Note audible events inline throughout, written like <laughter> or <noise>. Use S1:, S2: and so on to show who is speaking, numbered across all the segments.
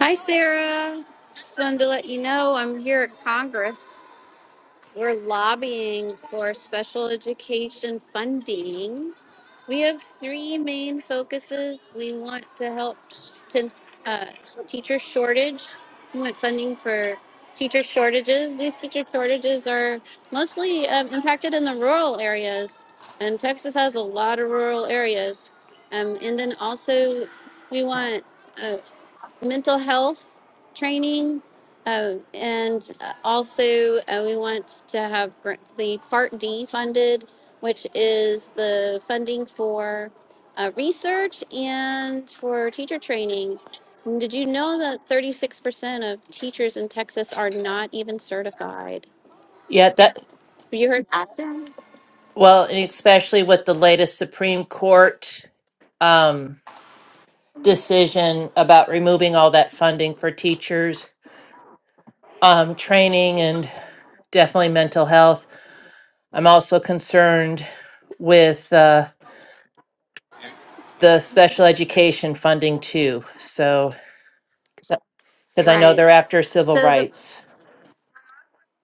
S1: Hi, Sarah. Just wanted to let you know I'm here at Congress. We're lobbying for special education funding. We have three main focuses. We want to help to uh, teacher shortage. We want funding for teacher shortages. These teacher shortages are mostly um, impacted in the rural areas, and Texas has a lot of rural areas. Um, and then also, we want uh, mental health training. Um, and uh, also, uh, we want to have gr- the Part D funded, which is the funding for uh, research and for teacher training. And Did you know that 36% of teachers in Texas are not even certified?
S2: Yeah, that
S1: Have you heard that?
S2: well, and especially with the latest Supreme Court um, decision about removing all that funding for teachers, um, training, and definitely mental health. I'm also concerned with uh, the special education funding too. So, because I know
S1: Right.
S2: they're after civil
S1: So the
S2: rights.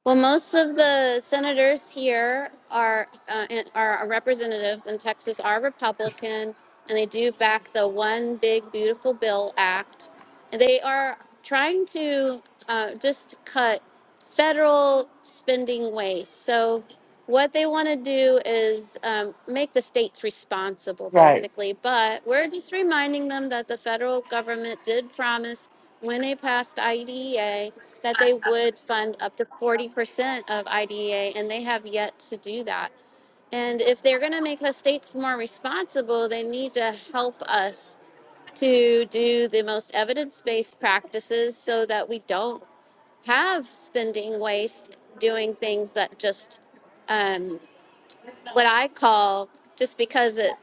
S1: Well, most of the senators here are uh, in- are representatives in Texas are Republican, and they do back the One Big Beautiful Bill Act. And they are trying to uh, just cut federal spending waste. So, what they want to do is um, make the states responsible,
S2: Right.
S1: basically. But we're just reminding them that the federal government did promise when they passed IDEA that they would fund up to 40% of IDEA, and they have yet to do that. And if they're going to make the states more responsible, they need to help us to do the most evidence based practices so that we don't have spending waste doing things that just, um, what I call just because it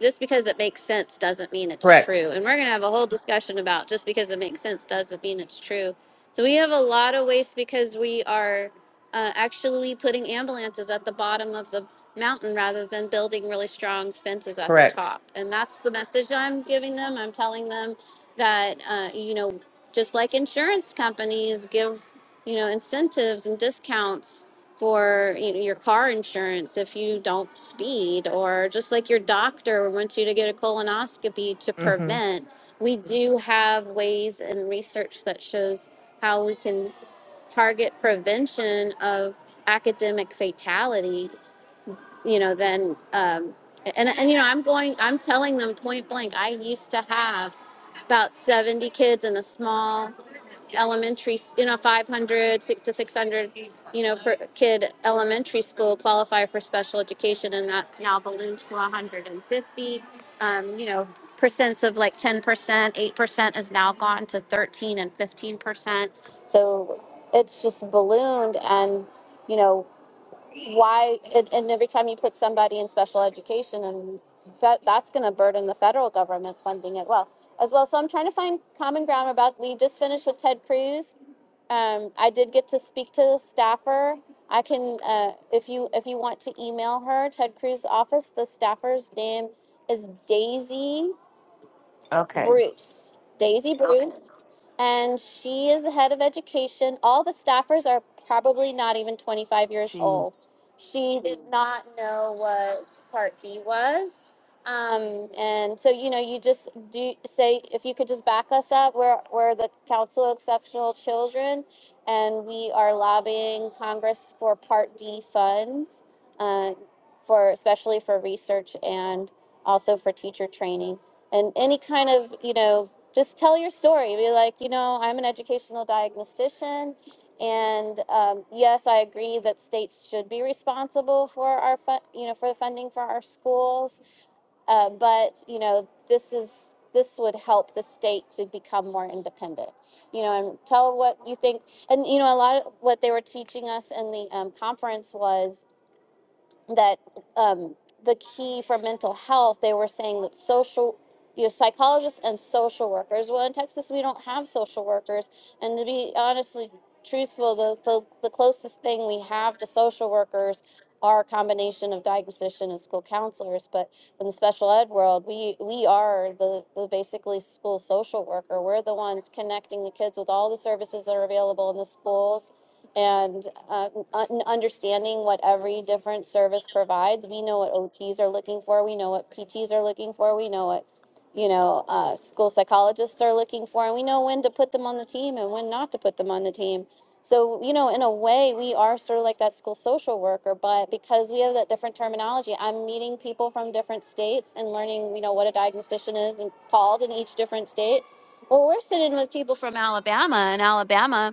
S1: just because it makes sense doesn't mean it's
S2: Correct.
S1: true. And we're going to have a whole discussion about just because it makes sense doesn't mean it's true. So we have a lot of waste because we are uh, actually putting ambulances at the bottom of the mountain rather than building really strong fences at the
S2: Correct.
S1: top. And that's the message I'm giving them. I'm telling them that, uh, you know, just like insurance companies give, you know, incentives and discounts for you know, your car insurance if you don't speed, or just like your doctor wants you to get a colonoscopy to
S2: hmm
S1: prevent. We do have ways and research that shows how we can target prevention of academic fatalities. You know, then, um, and, and you know, I'm going, I'm telling them point blank, I used to have about 70 kids in a small elementary, you know, 500 to 600, you know, per kid elementary school qualify for special education, and that's now ballooned to 150. Um, you know, percents of like 10%, 8% is now gone to 13 and 15%. So it's just ballooned, and you know why and, and every time you put somebody in special education and fe- that's going to burden the federal government funding it well as well so i'm trying to find common ground about we just finished with ted cruz um, i did get to speak to the staffer i can uh, if you if you want to email her ted cruz office the staffer's name is daisy
S2: Okay.
S1: Bruce, Daisy Bruce, and she is the head of education. All the staffers are probably not even 25 years old.
S2: Jeez.
S1: She did not know what Part D was. Um, and so, you know, you just do say, if you could just back us up, we're, we're the Council of Exceptional Children, and we are lobbying Congress for Part D funds, uh, for, especially for research and also for teacher training and any kind of you know just tell your story be like you know i'm an educational diagnostician and um, yes i agree that states should be responsible for our fun you know for the funding for our schools uh, but you know this is this would help the state to become more independent you know and tell what you think and you know a lot of what they were teaching us in the um, conference was that um, the key for mental health, they were saying that social, you know, psychologists and social workers. Well, in Texas, we don't have social workers, and to be honestly truthful, the the, the closest thing we have to social workers are a combination of diagnostician and school counselors. But in the special ed world, we we are the the basically school social worker. We're the ones connecting the kids with all the services that are available in the schools, and uh, un- understanding what every different service provides. We know what OTs are looking for. We know what PTs are looking for. We know what you know, uh, school psychologists are looking for, and we know when to put them on the team and when not to put them on the team. So, you know, in a way, we are sort of like that school social worker, but because we have that different terminology, I'm meeting people from different states and learning, you know, what a diagnostician is and called in each different state. Well, we're sitting with people from Alabama, and Alabama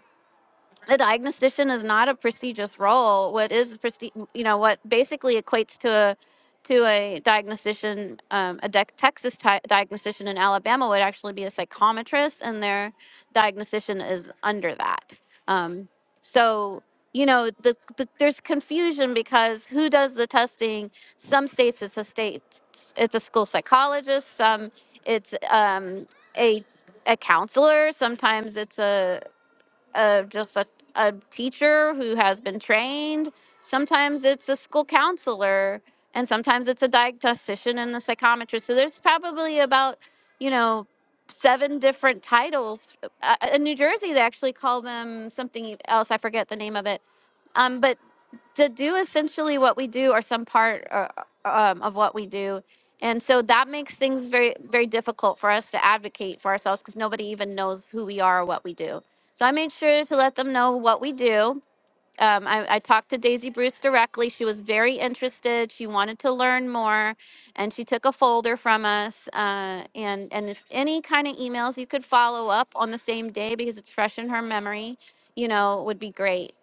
S1: the diagnostician is not a prestigious role. What is presti- you know, what basically equates to a to a diagnostician, um, a dec Texas ti diagnostician in Alabama would actually be a psychometrist, and their diagnostician is under that. Um, so you know, the, the there's confusion because who does the testing? Some states it's a state, it's a school psychologist. Some it's um, a a counselor. Sometimes it's a of just a, a teacher who has been trained. Sometimes it's a school counselor, and sometimes it's a diagnostician and a psychometrist. So there's probably about, you know, seven different titles. Uh, uh, in New Jersey, they actually call them something else. I forget the name of it. Um, but to do essentially what we do or some part uh, um, of what we do and so that makes things very very difficult for us to advocate for ourselves because nobody even knows who we are or what we do so i made sure to let them know what we do um, I, I talked to Daisy Bruce directly. She was very interested. She wanted to learn more, and she took a folder from us. Uh, and and if any kind of emails you could follow up on the same day because it's fresh in her memory, you know, would be great.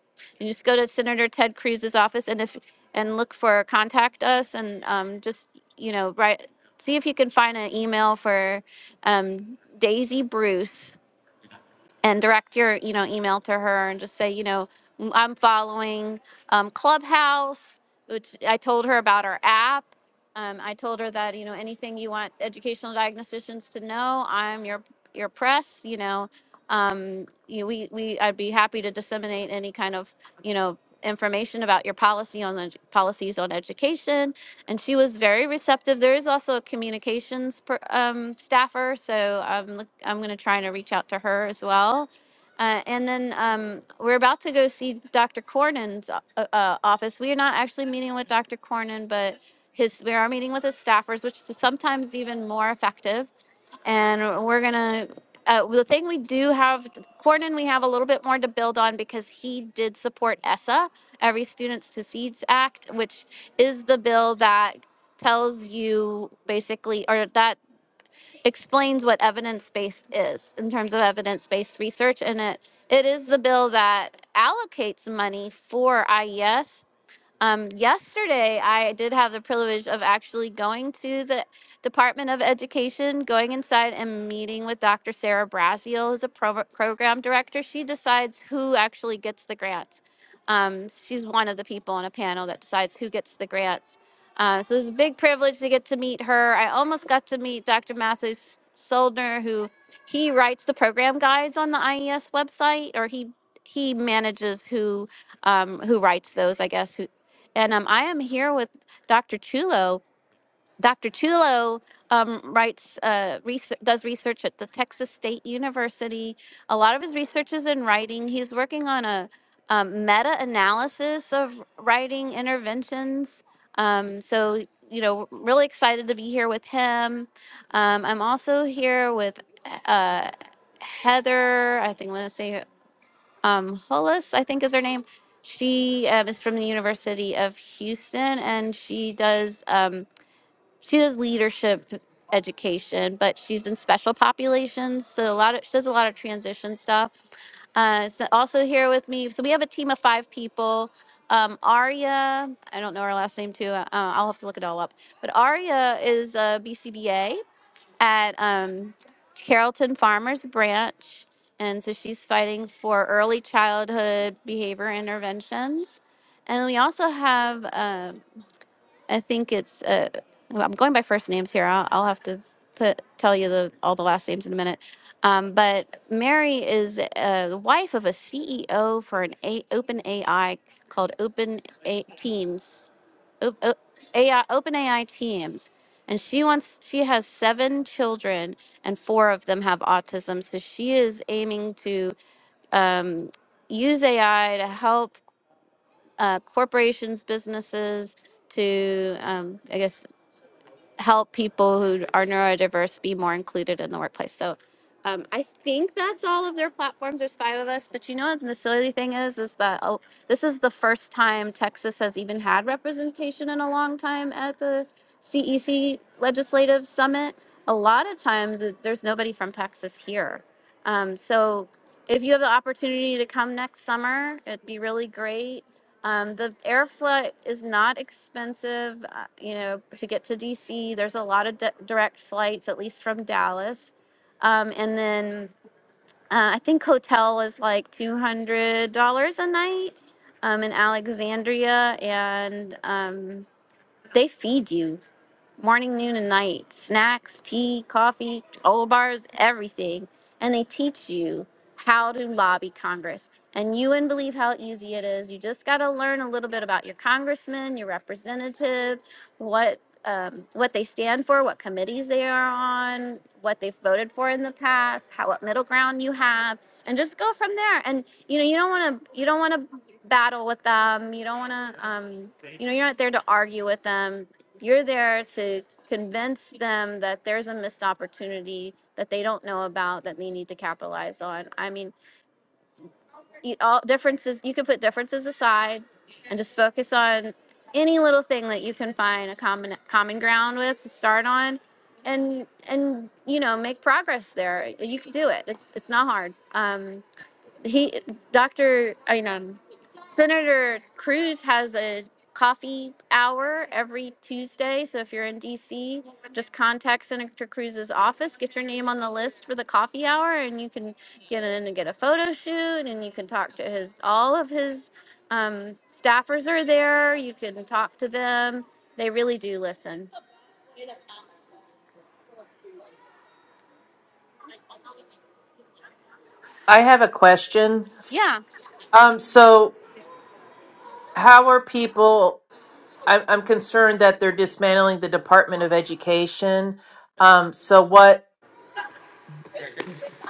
S1: And just go to Senator Ted Cruz's office and if and look for contact us and um, just you know write see if you can find an email for um, Daisy Bruce and direct your you know email to her and just say you know "M- i'm following um, clubhouse which i told her about our app um, i told her that you know anything you want educational diagnosticians to know i'm your your press you know um, you, we, we i'd be happy to disseminate any kind of you know information about your policy on the policies on education and she was very receptive. There is also a communications per, um, staffer, so I'm look, I'm going to try to reach out to her as well. Uh, and then um, we're about to go see Dr. Cornyn's uh, uh, office. We are not actually meeting with Dr. Cornyn, but his we are meeting with his staffers, which is sometimes even more effective and we're gonna uh, the thing we do have Cornyn we have a little bit more to build on because he did support ESSA Every Students to Seeds Act which is the bill that tells you basically or that explains what evidence based is in terms of evidence based research and it it is the bill that allocates money for IES um, yesterday, I did have the privilege of actually going to the Department of Education, going inside and meeting with Dr. Sarah Braziel, who's a pro- program director. She decides who actually gets the grants. Um, she's one of the people on a panel that decides who gets the grants. Uh, so it was a big privilege to get to meet her. I almost got to meet Dr. Matthew Soldner, who he writes the program guides on the IES website, or he he manages who um, who writes those, I guess, who, and um, I am here with Dr. Chulo. Dr. Chulo um, writes, uh, research, does research at the Texas State University. A lot of his research is in writing. He's working on a um, meta-analysis of writing interventions. Um, so, you know, really excited to be here with him. Um, I'm also here with uh, Heather. I think I want to say um, Hullis, I think is her name. She um, is from the University of Houston, and she does um, she does leadership education, but she's in special populations, so a lot of she does a lot of transition stuff. Uh, so also here with me, so we have a team of five people. Um, Aria, I don't know her last name too. Uh, I'll have to look it all up. But Aria is a BCBA, at um, Carrollton Farmers Branch. And so she's fighting for early childhood behavior interventions. And we also have um, I think it's. Uh, well, I'm going by first names here. I'll, I'll have to put tell you the all the last names in a minute. Um, but Mary is uh, the wife of a CEO for an a- open AI called Open a- Teams, o- AI Open AI Teams, and she wants she has seven children and four of them have autism. So she is aiming to um, use AI to help uh, corporations, businesses to, um, I guess, help people who are neurodiverse be more included in the workplace. So um, I think that's all of their platforms. There's five of us, but you know what the silly thing is, is that oh, this is the first time Texas has even had representation in a long time at the CEC Legislative Summit. A lot of times, it- there's nobody from Texas here. Um, so if you have the opportunity to come next summer, it'd be really great um, the air flight is not expensive, uh, you know, to get to DC. There's a lot of di- direct flights, at least from Dallas. Um, and then uh, I think hotel is like $200 a night um, in Alexandria, and um, they feed you morning, noon, and night. Snacks, tea, coffee, granola bars, everything. And they teach you how to lobby Congress. And you wouldn't believe how easy it is. You just got to learn a little bit about your congressman, your representative, what um, what they stand for, what committees they are on, what they've voted for in the past, how what middle ground you have, and just go from there. And you know you don't want to you don't want to battle with them. You don't want to um, you know you're not there to argue with them you're there to convince them that there's a missed opportunity that they don't know about that they need to capitalize on. I mean, you- all differences, you can put differences aside and just focus on any little thing that you can find a common common ground with to start on and and you know make progress there you can do it it's it's not hard um he dr i mean um, senator cruz has a coffee hour every tuesday so if you're in dc just contact senator cruz's office get your name on the list for the coffee hour and you can get in and get a photo shoot and you can talk to his all of his um, staffers are there you can talk to them they really do listen
S2: I have a question.
S1: yeah
S2: Um, so how are people? I'm I'm concerned that they're dismantling the Department of Education. Um, so what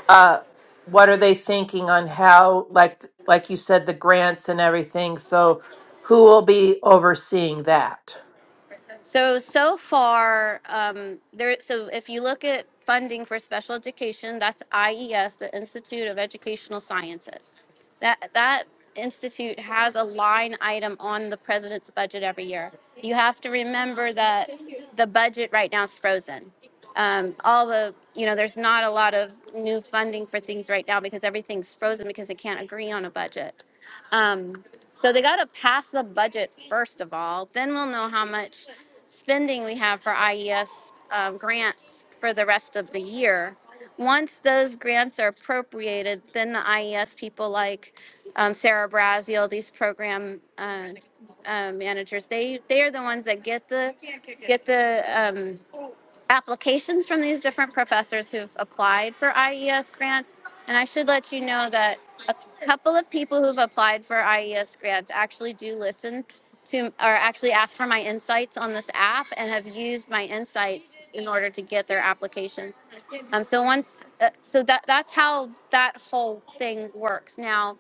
S2: uh, what are they thinking on how like like you said the grants and everything? So who will be overseeing that?
S1: So, so far, um, there, so if you look at funding for special education, that's IES, the Institute of Educational Sciences. That, that institute has a line item on the president's budget every year. You have to remember that the budget right now is frozen. Um, all the, you know, there's not a lot of new funding for things right now because everything's frozen because they can't agree on a budget. Um, so they got to pass the budget first of all. Then we'll know how much spending we have for IES um, grants for the rest of the year. Once those grants are appropriated, then the IES people like um, Sarah Braziel, these program uh, uh, managers, they they are the ones that get the get the um, applications from these different professors who've applied for IES grants. And I should let you know that a couple of people who've applied for IES grants actually do listen to or actually ask for my insights on this app and have used my insights in order to get their applications. Um, so once, uh, so that that's how that whole thing works. Now,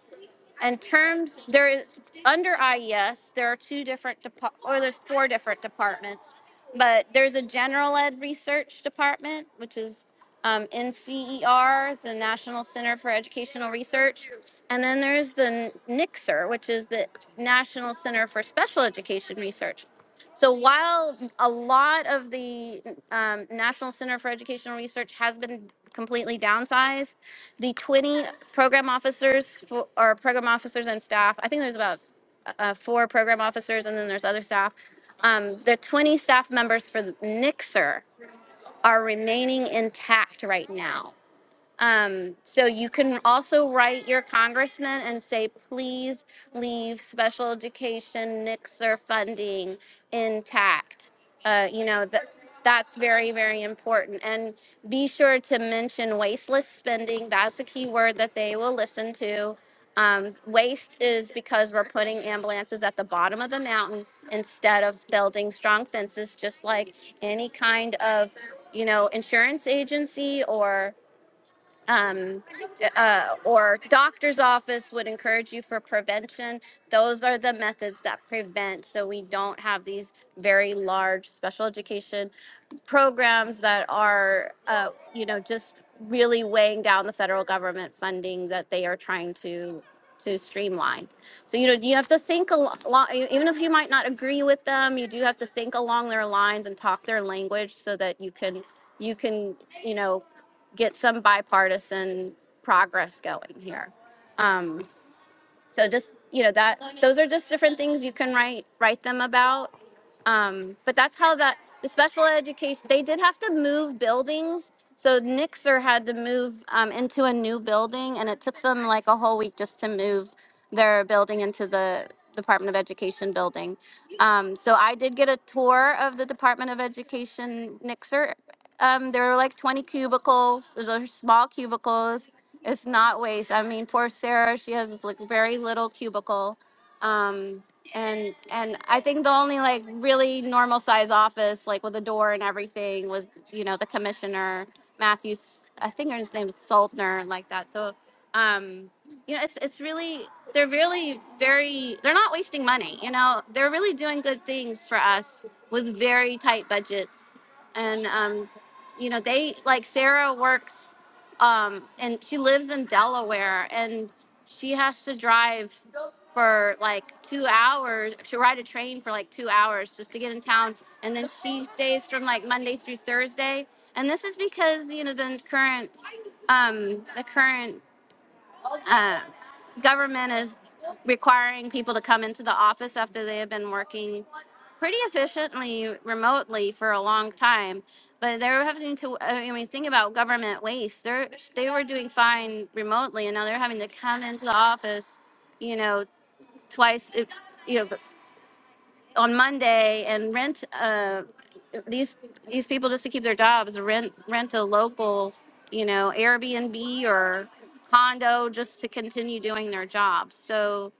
S1: in terms, there is, under IES, there are two different, depa- or there's four different departments. But there's a general ed research department, which is um, NCER, the National Center for Educational Research. And then there's the NICSR, which is the National Center for Special Education Research. So while a lot of the um, National Center for Educational Research has been completely downsized, the 20 program officers for, or program officers and staff. I think there's about uh, four program officers and then there's other staff. Um, the 20 staff members for the NICSER are remaining intact right now. Um, so you can also write your congressman and say, please leave special education NICSR funding intact. Uh, you know, that that's very, very important. And be sure to mention wasteless spending. That's a key word that they will listen to. Um, waste is because we're putting ambulances at the bottom of the mountain instead of building strong fences, just like any kind of, you know, insurance agency or um, uh, or doctor's office would encourage you for prevention. Those are the methods that prevent so we don't have these very large special education programs that are, uh, you know, just really weighing down the federal government funding that they are trying to to streamline. So you know, you have to think along. Even if you might not agree with them, you do have to think along their lines and talk their language so that you can you can you know get some bipartisan progress going here. Um, so just you know that those are just different things you can write write them about um, but that's how that the special education they did have to move buildings so nixer had to move um, into a new building and it took them like a whole week just to move their building into the department of education building um, so i did get a tour of the department of education nixer um, there were like 20 cubicles those are small cubicles it's not waste. I mean, poor Sarah, she has this like very little cubicle. Um, and and I think the only like really normal size office, like with a door and everything, was you know the commissioner Matthew. S- I think his name is Saltner, like that. So, um, you know, it's it's really they're really very they're not wasting money. You know, they're really doing good things for us with very tight budgets, and um, you know they like Sarah works um and she lives in Delaware and she has to drive for like 2 hours she ride a train for like 2 hours just to get in town and then she stays from like Monday through Thursday and this is because you know the current um the current uh, government is requiring people to come into the office after they have been working pretty efficiently remotely for a long time but they're having to i mean think about government waste they're they were doing fine remotely and now they're having to come into the office you know twice uh, you know on Monday and rent uh these these people just to keep their jobs rent rent a local you know Airbnb or condo just to continue doing their jobs. So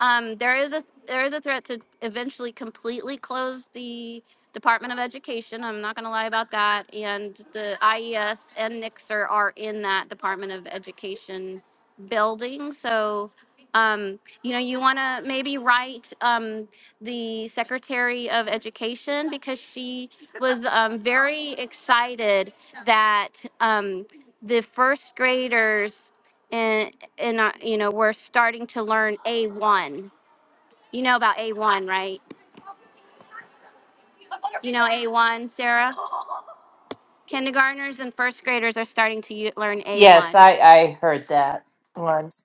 S1: um, there is a there is a threat to eventually completely close the Department of Education. I'm not going to lie about that. And the IES and Nixer are in that Department of Education building. So, um, you know, you want to maybe write um, the Secretary of Education because she was um, very excited that um, the first graders and I, you know, we're starting to learn A1. You know about A1, right? You know A1, Sarah? Kindergartners and first graders are starting to u- learn
S2: Yes,
S1: A1.
S2: I
S1: <laughs>
S2: I heard that once.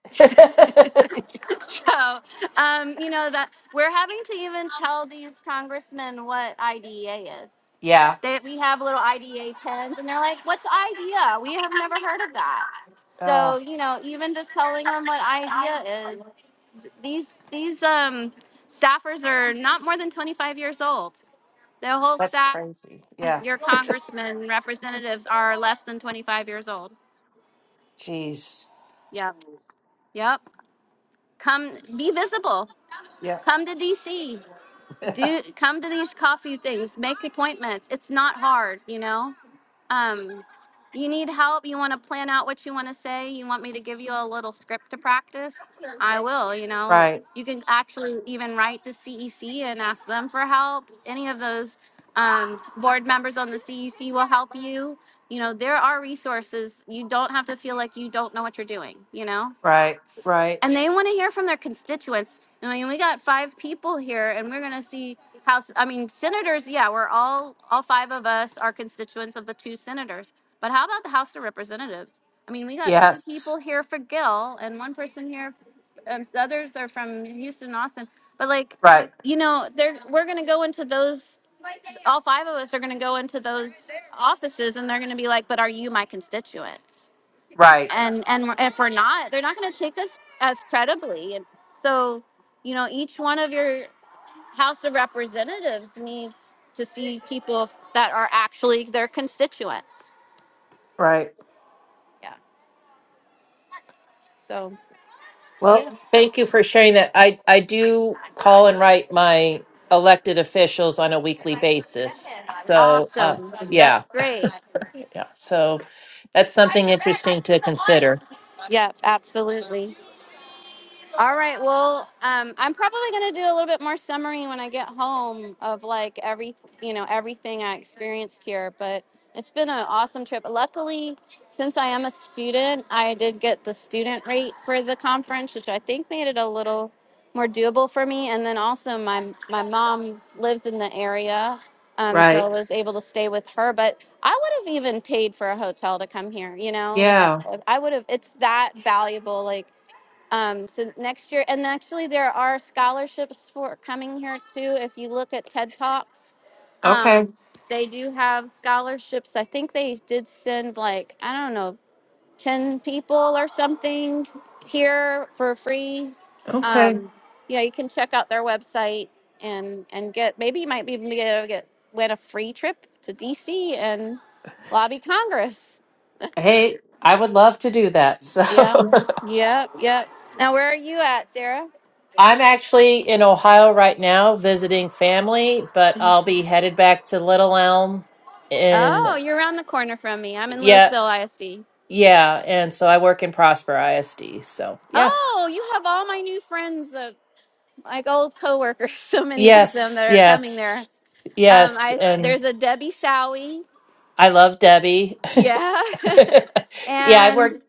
S2: <laughs>
S1: So, um, you know, that we're having to even tell these congressmen what IDEA is.
S2: yeah,
S1: They, we have little IDEA 10s, and they're like, what's IDEA? We have never heard of that.
S2: oh,
S1: So, you know, even just telling them what IDEA is, th- these, these, um, staffers are not more than 25 years old The whole
S2: that's
S1: staff,
S2: crazy. Yeah,
S1: your congressmen, representatives are less than 25 years old.
S2: jeez.
S1: Yep. Yep. Come be visible.
S2: Yeah.
S1: Come to DC. Do come to these coffee things. Make appointments. It's not hard, you know. Um, you need help? You want to plan out what you want to say? You want me to give you a little script to practice? I will, you
S2: <laughs>
S1: know.
S2: right.
S1: You can actually even write the CEC and ask them for help. Any of those um, board members on the CEC will help you. You know, there are resources. You don't have to feel like you don't know what you're doing, you know?
S2: Right. Right.
S1: and they want to hear from their constituents. I mean, we got five people here, and we're going to see House. I mean, senators. Yeah, we're all all five of us are constituents of the two senators. But how about the House of Representatives? I mean, we got two
S2: Yes.
S1: people here for Gill, and one person here. Um, the others are from Houston, Austin. But like,
S2: Right.
S1: you know, they're we're going to go into those. All five of us are going to go into those offices, and they're going to be like, "But are you my constituents?"
S2: Right.
S1: and and if we're not they're not going to take us as credibly and so you know each one of your house of representatives needs to see people that are actually their constituents
S2: Right.
S1: yeah so
S2: Well,
S1: yeah
S2: thank you for sharing that. I, I do call and write my elected officials on a weekly basis. So, uh,
S1: awesome
S2: yeah,
S1: that's great
S2: yeah. So that's something interesting to consider.
S1: yeah absolutely All right. Well, um, I'm probably gonna do a little bit more summary when I get home of like every, you know, everything I experienced here. But it's been an awesome trip. Luckily, since I am a student, I did get the student rate for the conference, which I think made it a little more doable for me. And then also my my mom lives in the area, um, so I
S2: Right.
S1: was able to stay with her. But I would have even paid for a hotel to come here. You know, like I,
S2: Yeah.
S1: I would have. It's that valuable. Like um, so next year, and actually there are scholarships for coming here too. If you look at TED Talks,
S2: Okay.
S1: um, they do have scholarships. I think they did send like I don't know ten people or something here for free.
S2: Okay.
S1: Um, yeah, you can check out their website and and get maybe you might be able to get get- win a free trip to DC and lobby Congress.
S2: Hey, I would love to do that. So
S1: Yeah, yep, yep. Now where are you at, Sarah?
S2: <laughs> I'm actually in Ohio right now visiting family, but I'll be headed back to Little Elm in,
S1: Oh, you're around the corner from me. I'm in
S2: yeah,
S1: Louisville ISD.
S2: yeah. And so I work in Prosper ISD. So, yeah.
S1: Oh, you have all my new friends, that, like old coworkers. <laughs> So many of them
S2: Yes,
S1: that are coming there.
S2: yes,
S1: Um,
S2: yes.
S1: I
S2: And
S1: there's a Debbie Sowie.
S2: I love Debbie.
S1: Yeah,
S2: <laughs>
S1: <laughs>
S2: Yeah, I
S1: And
S2: work.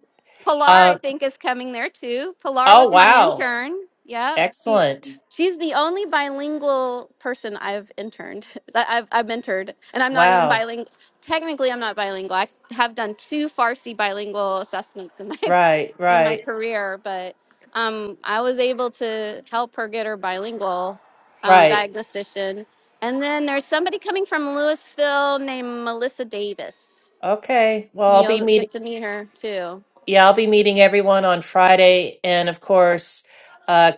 S1: Pilar, I
S2: Uh,
S1: think, is coming there too. Pilar
S2: oh,
S1: was my
S2: wow.
S1: intern. Yeah, she
S2: Excellent.
S1: she's the only bilingual person I've interned <laughs> that I've I've mentored, and I'm not even
S2: Wow.
S1: bilingual. Technically, I'm not bilingual. I have done two Farsi bilingual assessments in my
S2: Right,
S1: <laughs> in my
S2: right,
S1: career, but um, I was able to help her get her bilingual um,
S2: right.
S1: diagnostician. And then there's somebody coming from Louisville named Melissa Davis.
S2: Okay. Well, I'll be
S1: You'll
S2: meeting.
S1: get to meet her too.
S2: Yeah, I'll be meeting everyone on Friday. And of course, uh,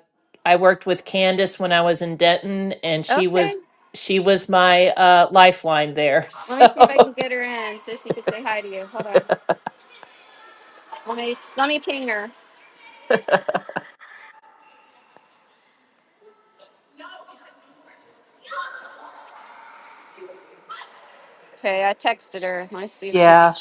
S2: I worked with Candace when I was in Denton, and she
S1: Okay.
S2: was she was my uh, lifeline there. <laughs>
S1: Let me see if I
S2: So
S1: can get her in so she can say hi to you. Hold on. Let me let me ping her. Okay, I texted her. Let me see if she
S2: yeah.
S1: can.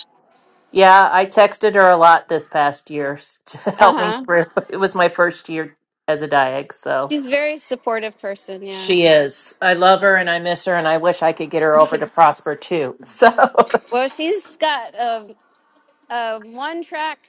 S2: Yeah, I texted her a lot this past year <laughs> to
S1: Uh
S2: help me
S1: huh.
S2: through. It was my first year as a diag, so
S1: She's a very supportive person. Yeah.
S2: she is. I love her and I miss her, and I wish I could get her over
S1: <laughs>
S2: to Prosper too. So, <laughs>
S1: well, she's got a, a one track,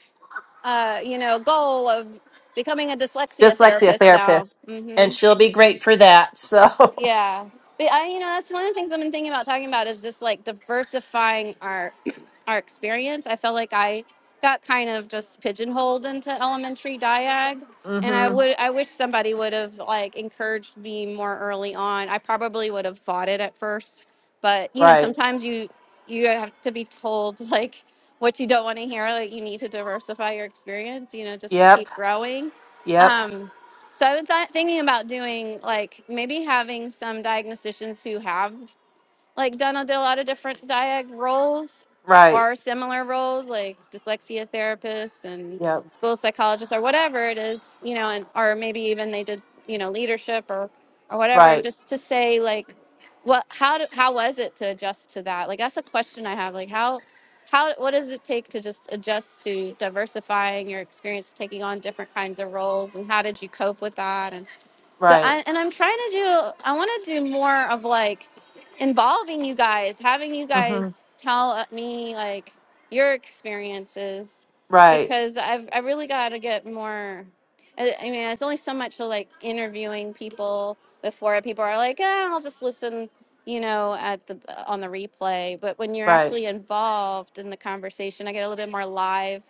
S1: uh, you know, goal of becoming a dyslexia
S2: dyslexia
S1: therapist now.
S2: therapist,
S1: Mm-hmm.
S2: and she'll be great for that. So,
S1: Yeah. But I, you know, that's one of the things I've been thinking about talking about is just like diversifying our <clears throat> our experience. I felt like I got kind of just pigeonholed into elementary diag
S2: <laughs>
S1: and I
S2: mm-hmm.
S1: would I wish somebody would have like encouraged me more early on. I probably would have fought it at first, but you know,
S2: right.
S1: sometimes you you have to be told like what you don't want to hear, like you need to diversify your experience, you know, just to
S2: Yep.
S1: keep growing.
S2: Yep.
S1: Um so I was th- thinking about doing like maybe having some diagnosticians who have like Donna did a lot of different diag roles
S2: Right.
S1: or similar roles, like dyslexia therapist and
S2: Yep.
S1: school psychologist or whatever it is, you know, and or maybe even they did, you know, leadership or or whatever,
S2: Right.
S1: just to say like what how do, how was it to adjust to that? Like that's a question I have. Like how how what does it take to just adjust to diversifying your experience taking on different kinds of roles and how did you cope with that so
S2: Right.
S1: I and I'm trying to do I want to do more of like involving you guys, having you
S2: Mm-hmm.
S1: guys tell uh, me like your experiences
S2: Right.
S1: because I've I really got to get more I I mean, it's only so much of like interviewing people before people are like, "Ah, I'll just listen, you know, at the on the replay." But when you're
S2: Right.
S1: actually involved in the conversation, I get a little bit more live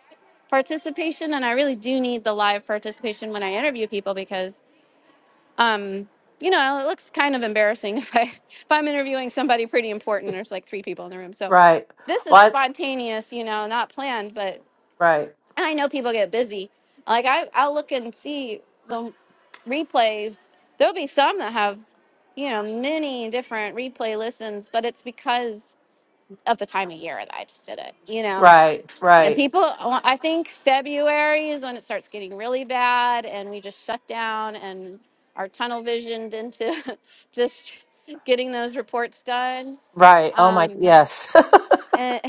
S1: participation and I really do need the live participation when I interview people because um, you know, it looks kind of embarrassing <laughs> if I if I'm interviewing somebody pretty important. There's like three people in the room, so
S2: Right.
S1: this is
S2: What?
S1: spontaneous, you know, not planned. But
S2: Right.
S1: and I know people get busy. Like I I'll look and see the replays. There'll be some that have you know many different replay listens, but it's because of the time of year that I just did it. You know,
S2: Right.
S1: and
S2: Right.
S1: people, uh, I think February is when it starts getting really bad, and we just shut down and are tunnel visioned into <laughs> just getting those reports done.
S2: Right. Oh my.
S1: Um,
S2: Yes. <laughs>
S1: and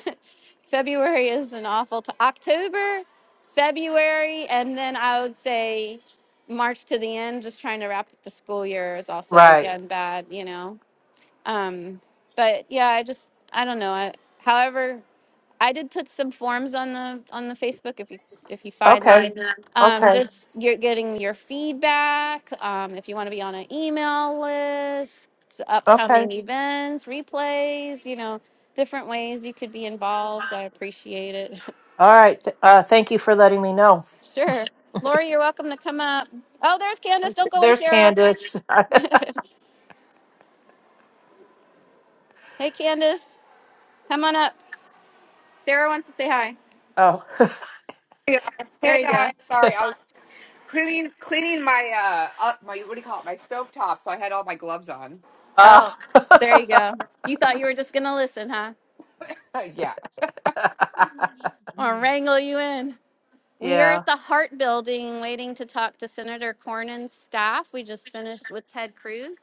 S1: <laughs> February is an awful time. October, February, and then I would say March to the end, just trying to wrap up the school year is also
S2: Right.
S1: again bad, you know. Um, but yeah, I just, I don't know. I, however, I did put some forms on the on the Facebook if you if you find
S2: Okay.
S1: them. Um,
S2: Okay.
S1: just you're getting your feedback. Um, if you want to be on an email list,
S2: Okay.
S1: upcoming events, replays, you know, different ways you could be involved. I appreciate it.
S2: All right. Th- Uh, thank you for letting me know.
S1: <laughs> sure, Lori, you're welcome to come up. Oh, there's Candace. Don't go away,
S2: There's
S1: Sarah.
S2: Candace.
S1: Hey, Candace, come on up. Sarah wants to say hi.
S2: <laughs> oh. <laughs>
S3: Hey guys, Hey,
S1: There you go.
S3: guys. sorry, I was cleaning cleaning my uh, uh my what do you call it? My stovetop, so I had all my gloves on.
S2: Uh,
S1: Oh, there you go. You thought you were just gonna listen, huh?
S3: <laughs> yeah.
S2: <laughs>
S1: Or wrangle you in. We are
S2: yeah.
S1: at the Hart Building waiting to talk to Senator Cornyn's staff. We just finished with Ted Cruz.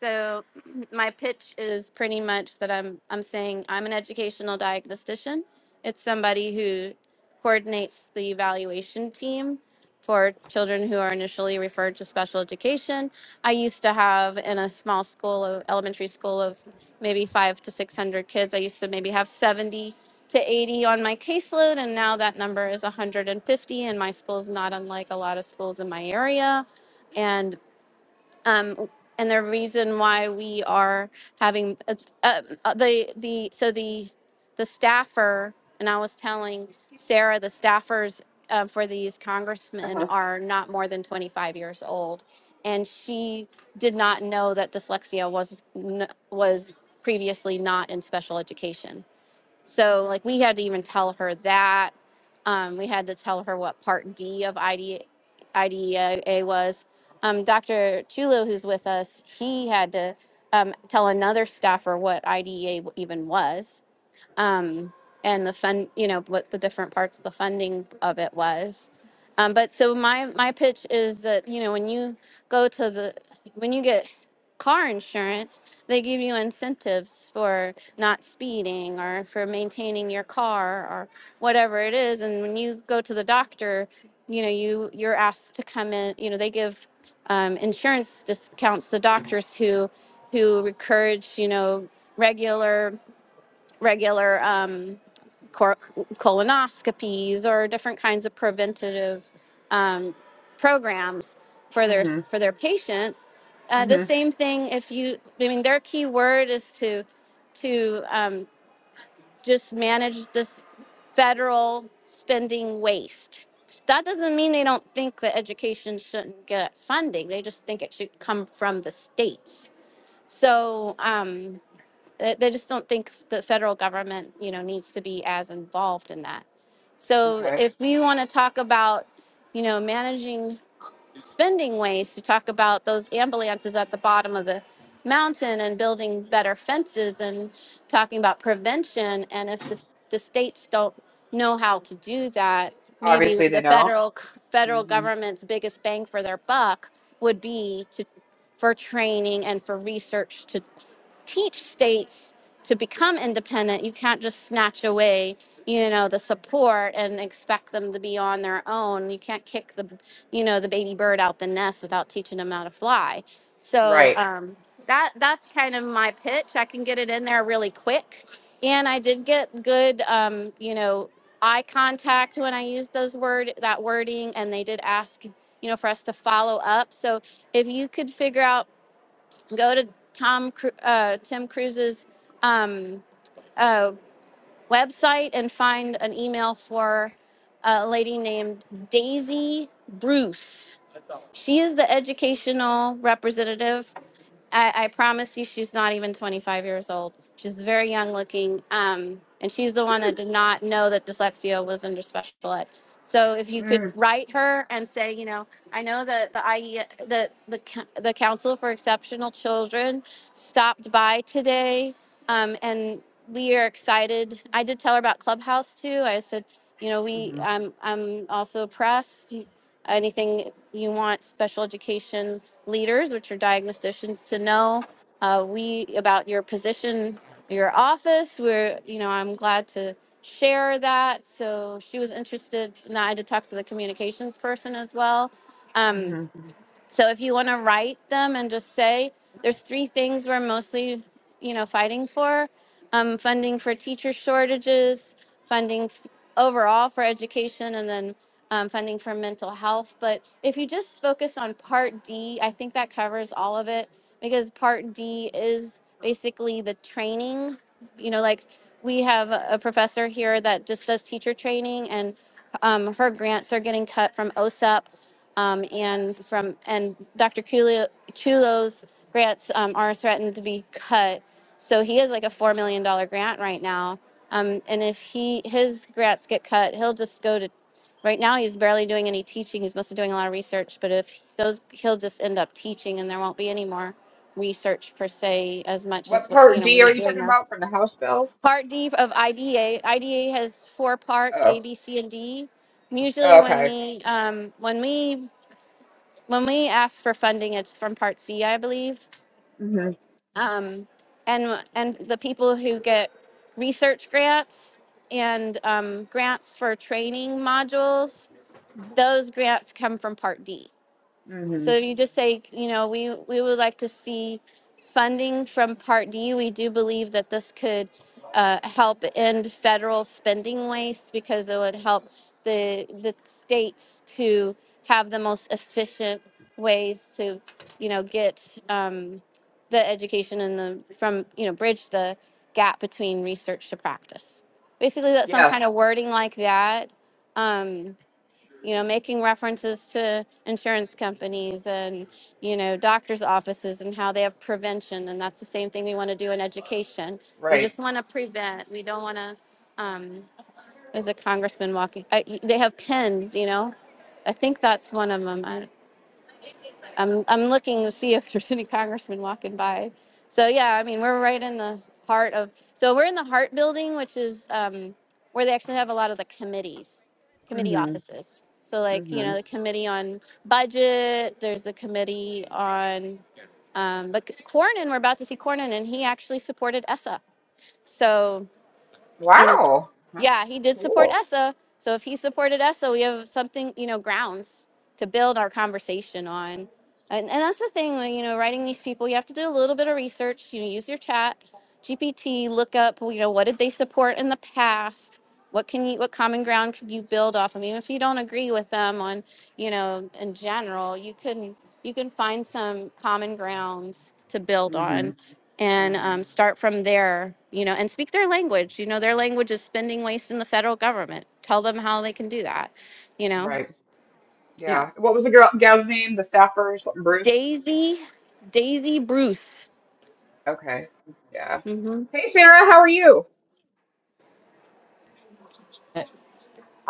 S1: So <clears throat> my pitch is pretty much that I'm I'm saying I'm an educational diagnostician. It's somebody who coordinates the evaluation team for children who are initially referred to special education. I used to have in a small school of elementary school of maybe 5 to 600 kids. I used to maybe have 70 to 80 on my caseload and now that number is 150 and my school's not unlike a lot of schools in my area um, and the reason why we are having uh, uh, uh, the the so the the staffer and I was telling Sarah the staffers uh, for these congressmen
S3: Uh-huh.
S1: are not more than 25 years old, and she did not know that dyslexia was n- was previously not in special education so like we had to even tell her that. Um, we had to tell her what part D of ID, IDEA was. Um, Dr. Chulo, who's with us, he had to um, tell another staffer what IDEA even was um, and the fund, you know, what the different parts of the funding of it was. Um, but so my my pitch is that you know when you go to the when you get car insurance, they give you incentives for not speeding or for maintaining your car or whatever it is. And when you go to the doctor, you know you you're asked to come in. You know they give um, insurance discounts to doctors who who encourage you know regular regular um, cor- colonoscopies or different kinds of preventative um, programs for their
S3: Mhm.
S1: for their patients. Uh, the
S3: Mhm.
S1: same thing if you, I mean, their key word is to to um, just manage this federal spending waste. That doesn't mean they don't think that education shouldn't get funding. They just think it should come from the states. So. Um, they, they just don't think the federal government you know needs to be as involved in that so
S3: Okay.
S1: if we want to talk about you know managing spending ways to talk about those ambulances at the bottom of the mountain and building better fences and talking about prevention. And if the, s- the states don't know how to do that, maybe
S3: Obviously they
S1: the
S3: don't.
S1: federal c- federal
S3: Mhm.
S1: government's biggest bang for their buck would be to for training and for research to teach states to become independent. You can't just snatch away you know the support and expect them to be on their own you can't kick the you know the baby bird out the nest without teaching them how to fly so
S3: Right.
S1: um, that that's kind of my pitch i can get it in there really quick and i did get good um, you know eye contact when i used those word that wording and they did ask you know for us to follow up so if you could figure out go to tom Cru- uh, tim cruise's um, uh, website and find an email for a lady named daisy bruce she is the educational representative I, I promise you, she's not even 25 years old. She's very young looking. Um, and she's the one that did not know that dyslexia was under special ed. So if you could
S3: Mhm.
S1: write her and say, you know, I know that the IE, the, the, c- the Council for Exceptional Children stopped by today. Um, and we are excited. I did tell her about Clubhouse too. I said, you know, we,
S3: Mhm.
S1: I'm, I'm also press. Anything you want, special education leaders, which are diagnosticians, to know uh, we about your position, your office. We're, you know, I'm glad to share that. So she was interested, and I had to talk to the communications person as well. Um,
S3: Mhm.
S1: so if you want to write them and just say, there's three things we're mostly, you know, fighting for: um, funding for teacher shortages, funding f- overall for education, and then um, funding for mental health. But if you just focus on Part D, I think that covers all of it because Part D is basically the training. You know, like we have a a professor here that just does teacher training, and um, her grants are getting cut from OSEP um, and from and Dr. Culo- Chulo's grants um, are threatened to be cut. So he is like a four million dollar grant right now, um, and if he his grants get cut, he'll just go to. Right now, he's barely doing any teaching. He's mostly doing a lot of research, but if those, he'll just end up teaching, and there won't be any more research per se as much
S3: What
S1: as what you
S3: part
S1: know what
S3: D are
S1: he's
S3: you
S1: doing
S3: talking
S1: now.
S3: about from the House bill?
S1: Part D of IDA. IDA has four parts: A,
S3: Oh.
S1: B, C, and D. And Usually,
S3: oh
S1: when
S3: okay.
S1: we um, when we when we ask for funding, it's from Part C, I believe.
S3: Mhm.
S1: Um, and and the people who get research grants and um, grants for training modules, those grants come from Part D. So
S3: Mhm.
S1: if you just say, you know, we, we would like to see funding from Part D, we do believe that this could uh, help end federal spending waste because it would help the, the states to have the most efficient ways to, you know, get um, the education and the, from, you know, bridge the gap between research to practice. Basically, that some
S3: Yes.
S1: kind of wording like that. Um, you know, making references to insurance companies and, you know, doctors' offices and how they have prevention. And that's the same thing we want to do in education. We
S3: Right.
S1: just want to prevent. We don't want to, um, there's a congressman walking. I, they have pens, you know. I think that's one of them. I'm I'm looking to see if <laughs> there's any congressmen walking by. So yeah, I mean we're right in the heart of. So we're in the Hart Building, which is um, where they actually have a lot of the committees, committee
S3: Mhm.
S1: offices. So like you know
S3: Mhm.
S1: the committee on budget. There's the committee on. Um, but Cornyn, we're about to see Cornyn, and he actually supported ESSA. So
S3: Wow. That's
S1: yeah, he did support
S3: cool.
S1: ESSA. So if he supported ESSA, we have something, you know, grounds to build our conversation on. And, and that's the thing, when, you know, writing these people, you have to do a little bit of research. You know, use your chat, GPT, look up, you know, what did they support in the past? What can you, what common ground can you build off of? Even if you don't agree with them on, you know, in general, you can, you can find some common grounds to build on
S3: Mhm.
S1: and
S3: Mhm.
S1: um, start from there, you know, and speak their language. You know, their language is spending waste in the federal government. Tell them how they can do that, you know?
S3: Right.
S1: Yeah.
S3: Yeah. What was the girl gal's name? The staffer or something? Bruce?
S1: Daisy, Daisy Bruce.
S3: Okay. Yeah.
S1: hmm
S3: Hey, Sarah, how are you?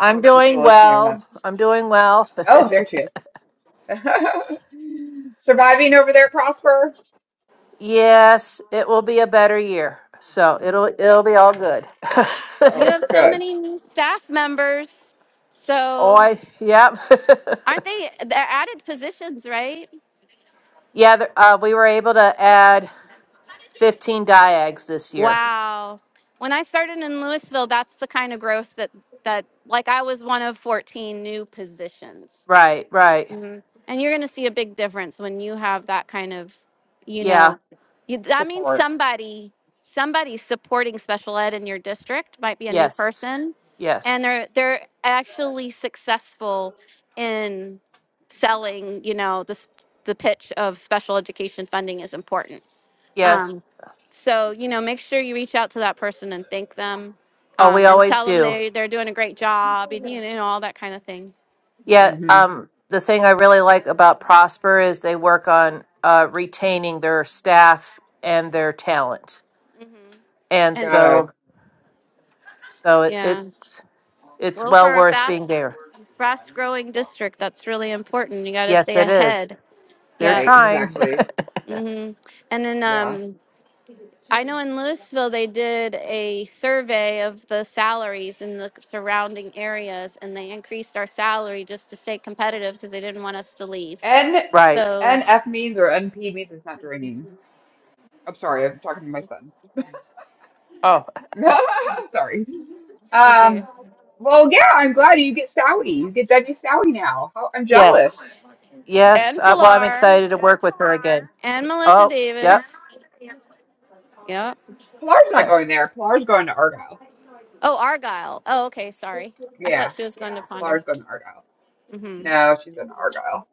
S3: I don't know if she's
S2: doing
S3: still listening or not.
S2: well. I'm doing well. <laughs>
S3: Oh, there she is. <laughs> Surviving over there, Prosper?
S2: yes, it will be a better year. So it'll it'll
S3: That-
S2: be all good. <laughs>
S1: You
S3: Oh,
S1: have so
S3: good.
S1: many new staff members.
S2: oh,
S1: So
S2: I yep.
S1: aren't they, they're added positions, right?
S2: <laughs> yeah, th- uh, we were able to add 15 diags this year.
S1: Wow. When I started in Louisville, that's the kind of growth that, that, like I was one of 14 new positions
S2: Right, right.
S1: Mhm. And you're going to see a big difference when you have that kind of, you
S2: Yeah.
S1: know, you, that means
S3: Support.
S1: somebody somebody supporting special ed in your district might be a new
S2: Yes.
S1: person, and
S2: Yes.
S1: they're they're actually successful in selling. You know, this the pitch of special education funding is important.
S2: Yes.
S1: Um, so you know, make sure you reach out to that person and thank them,
S2: Oh, we
S1: um, and
S2: always
S1: tell them
S2: do.
S1: they they're doing a great job, and you know all that kind of thing.
S2: Yeah.
S3: Mm-hmm.
S2: Um, the thing I really like about Prosper is they work on uh, retaining their staff and their talent,
S1: hmm
S2: and
S1: And
S2: so
S3: Good.
S2: so it,
S1: yeah.
S2: it's it's
S1: Well,
S2: well
S1: for a
S2: worth being
S1: fast,
S2: there.
S1: fast-growing district, that's really important. You got to
S2: Yes,
S1: stay
S2: it is.
S1: ahead.
S2: They're
S1: Yeah.
S3: Right,
S2: trying.
S3: exactly.
S1: hmm And then
S3: Yeah.
S1: um, I know in Louisville they did a survey of the salaries in the surrounding areas, and they increased our salary just to stay competitive because they didn't want us to leave.
S3: N
S2: <laughs> right.
S1: So
S3: NF means or NP means it's not draining. I'm sorry, I'm talking to my son.
S2: Oh,
S3: <laughs> Sorry.
S1: it's okay.
S3: Um, well, yeah, I'm glad you get Sowie. You get Veggie Sowie now. How, I'm jealous.
S2: yes, yes.
S1: And
S2: Uh, well, I'm
S1: Pilar
S2: excited to work with her again.
S1: and Melissa
S2: Oh, yep.
S1: Davis. Yeah.
S3: Pilar's not going there.
S2: Yes.
S3: Pilar's going to Argyle.
S1: Oh, Argyle. Oh, okay. Sorry, I thought
S3: Yeah,
S1: she was
S3: yeah.
S1: going to Ponder.
S3: Pilar's going to Argyle.
S1: mm hmm
S3: No, she's going to Argyle.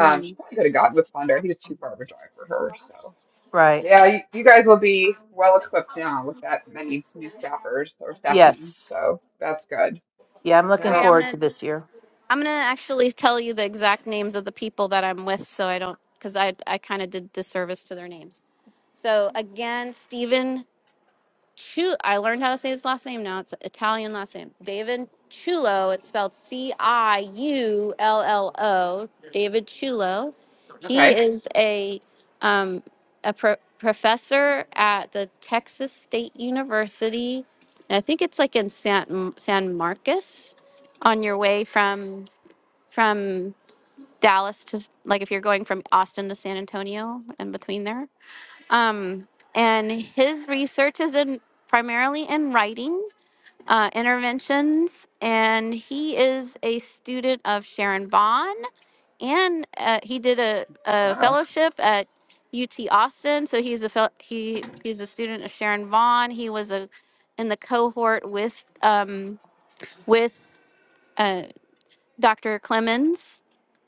S1: mm hmm
S3: she probably could have gotten with Honda. He's a too far of a drive for her. So
S2: Right.
S3: yeah, you, you guys will be well equipped now with that many new staffers or staffing.
S2: Yes.
S3: So that's good.
S2: Yeah, I'm looking
S1: Okay,
S3: No,
S1: I'm
S2: forward to
S1: gonna
S2: this year.
S1: I'm gonna actually tell you the exact names of the people that I'm with, so I don't, because I I kind of did disservice to their names. So again, Stephen Chu. I learned how to say his last name now. It's Italian last name. David Chulo. It's spelled C I U L L O. David Chulo. He
S3: okay.
S1: is a um, a pro- professor at the Texas State University. I think it's like in San San Marcos on your way from from Dallas to like if you're going from Austin to San Antonio and between there. Um, and his research is in primarily in writing, uh, interventions, and he is a student of Sharon Vaughn, and uh, he did a, a
S3: Wow,
S1: fellowship at UT Austin. So he's a fel- he he's a student of Sharon Vaughn. He was a in the cohort with um, with. Uh, Dr. Clemens.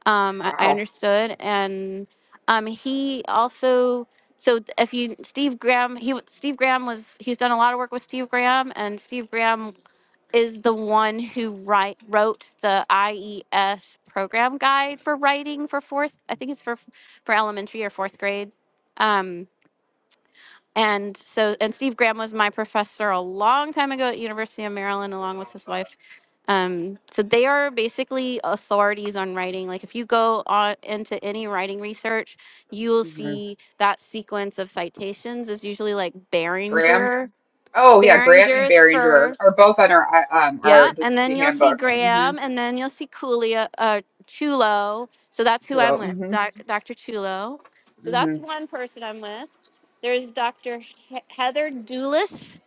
S1: Um, I, I
S3: wow.
S1: understood, and um, he also. So th- if you Steve Graham, he w- Steve Graham was he's done a lot of work with Steve Graham, and Steve Graham is the one who write wrote the IES program guide for writing for fourth. I think it's for for elementary or fourth grade. Um, and so and steve graham was my professor a long time ago at university of maryland along with his wife um, so they are basically authorities on writing like if you go on into any writing research you'll
S3: hmm
S1: see that sequence of citations is usually like
S3: Graham.
S1: behringer
S3: Oh yeah, Graham and
S1: behringer's for
S3: Behringer are both on our uh, um our
S1: yeah, and then
S3: dyslexia
S1: you'll see
S3: handbook. Mm-hmm.
S1: Graham, and then you'll see Coolio, uh, Chulo. So that's who
S3: Chulo.
S1: I'm with,
S3: Mm-hmm.
S1: doc, Dr. Chulo. So that's
S3: Mm-hmm.
S1: one person I'm with. There's Dr. He- Heather Doulis.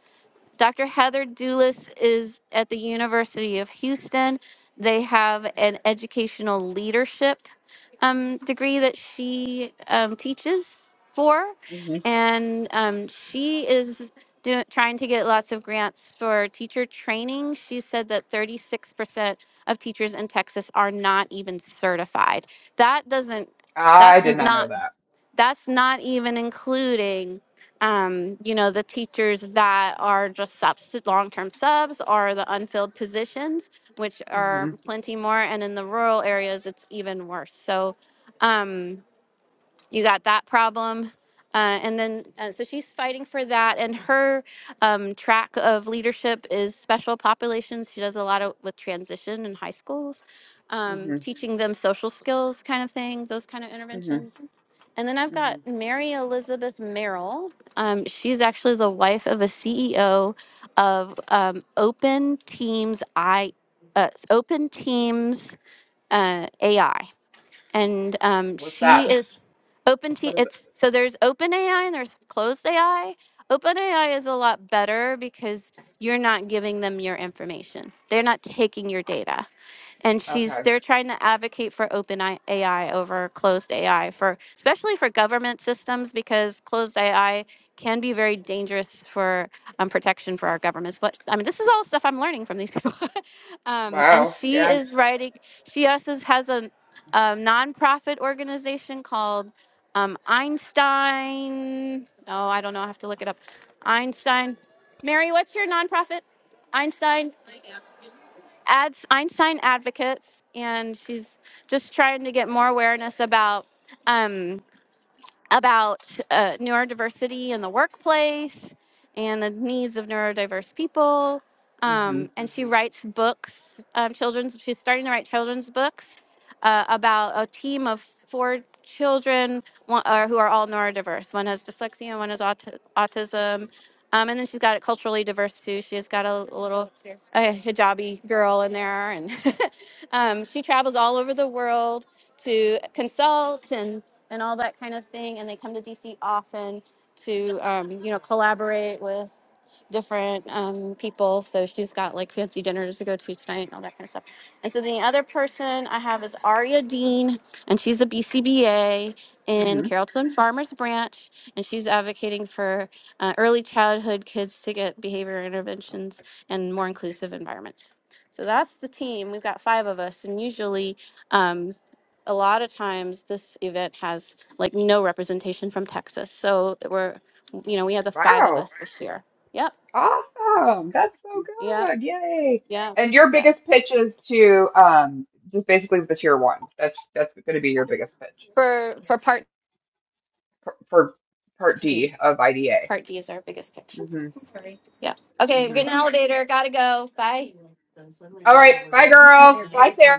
S1: Dr. Heather Doulis is at the University of Houston. They have an educational leadership um, degree that she um, teaches for,
S3: Mm-hmm.
S1: and um, she is do, trying to get lots of grants for teacher training. She said that 36% of teachers in Texas are not even certified. That doesn't.
S3: I
S1: That's
S3: did not know
S1: not
S3: that.
S1: that's not even including um, you know the teachers that are just subs- long-term subs or the unfilled positions which are
S3: Mm-hmm.
S1: plenty more and in the rural areas it's even worse so um, you got that problem uh, and then uh, so she's fighting for that and her um, track of leadership is special populations she does a lot of with transition in high schools
S3: Mm-hmm.
S1: um, teaching them social skills kind of thing those kind of
S3: hmm
S1: interventions and then I've
S3: hmm
S1: got Mary Elizabeth Merrill. Um, she's actually the wife of a CEO of um, Open Teams I, uh, Open Teams uh, AI, and um,
S3: What's that?
S1: she is Open Team.
S3: What is it?
S1: It's so there's Open AI and there's Closed AI. Open AI is a lot better because you're not giving them your information; they're not taking your data and she's
S3: Okay.
S1: they're trying to advocate for open I- AI over closed AI for especially for government systems because closed AI can be very dangerous for um, protection for our governments. But I mean, this is all stuff I'm learning from these people. <laughs> um, and
S3: Wow.
S1: she
S3: Yeah.
S1: is writing. She also has a, a nonprofit organization called um, Einstein. Oh, I don't know. I have to look it up. Einstein. Mary, what's your nonprofit? Einstein ads, Einstein Advocates, and she's just trying to get more awareness about. Um, about uh, neurodiversity in the workplace and the needs of neurodiverse people.
S3: hmm
S1: Um, and she
S3: hmm
S1: writes books, um, children's. She's starting to write children's books uh, about a team of four children one, or who are all neurodiverse. One has dyslexia, one has aut- autism. Um, and then she's got it culturally diverse too. She's got a, a little uh, hijabi girl in there, and <laughs> um, she travels all over the world to consult and and all that kind of thing and they come to dc often to um, you know collaborate with different um, people so she's got like fancy dinners to go to tonight and all that kind of stuff and so the other person i have is aria dean and she's a bcba in
S3: hmm
S1: carrollton farmers branch and she's advocating for uh, early childhood kids to get behavior interventions and more inclusive environments so that's the team we've got five of us and usually um, a lot of times this event has like no representation from Texas. So we're, you know, we have the five of
S3: Wow.
S1: us this year. Yep.
S3: Awesome. That's so
S1: Yep.
S3: good. Yay.
S1: Yep.
S3: And your
S1: Yep.
S3: biggest pitch is to um just basically the tier one. That's that's going to be your biggest pitch
S1: For for part
S3: for, for part
S1: D.
S3: D of IDA.
S1: Part D is our biggest picture.
S3: hmm
S1: Yeah. Okay, I'm
S3: hmm
S1: getting an elevator. Gotta go. Bye.
S3: All right. Bye, girl. Bye, Sarah.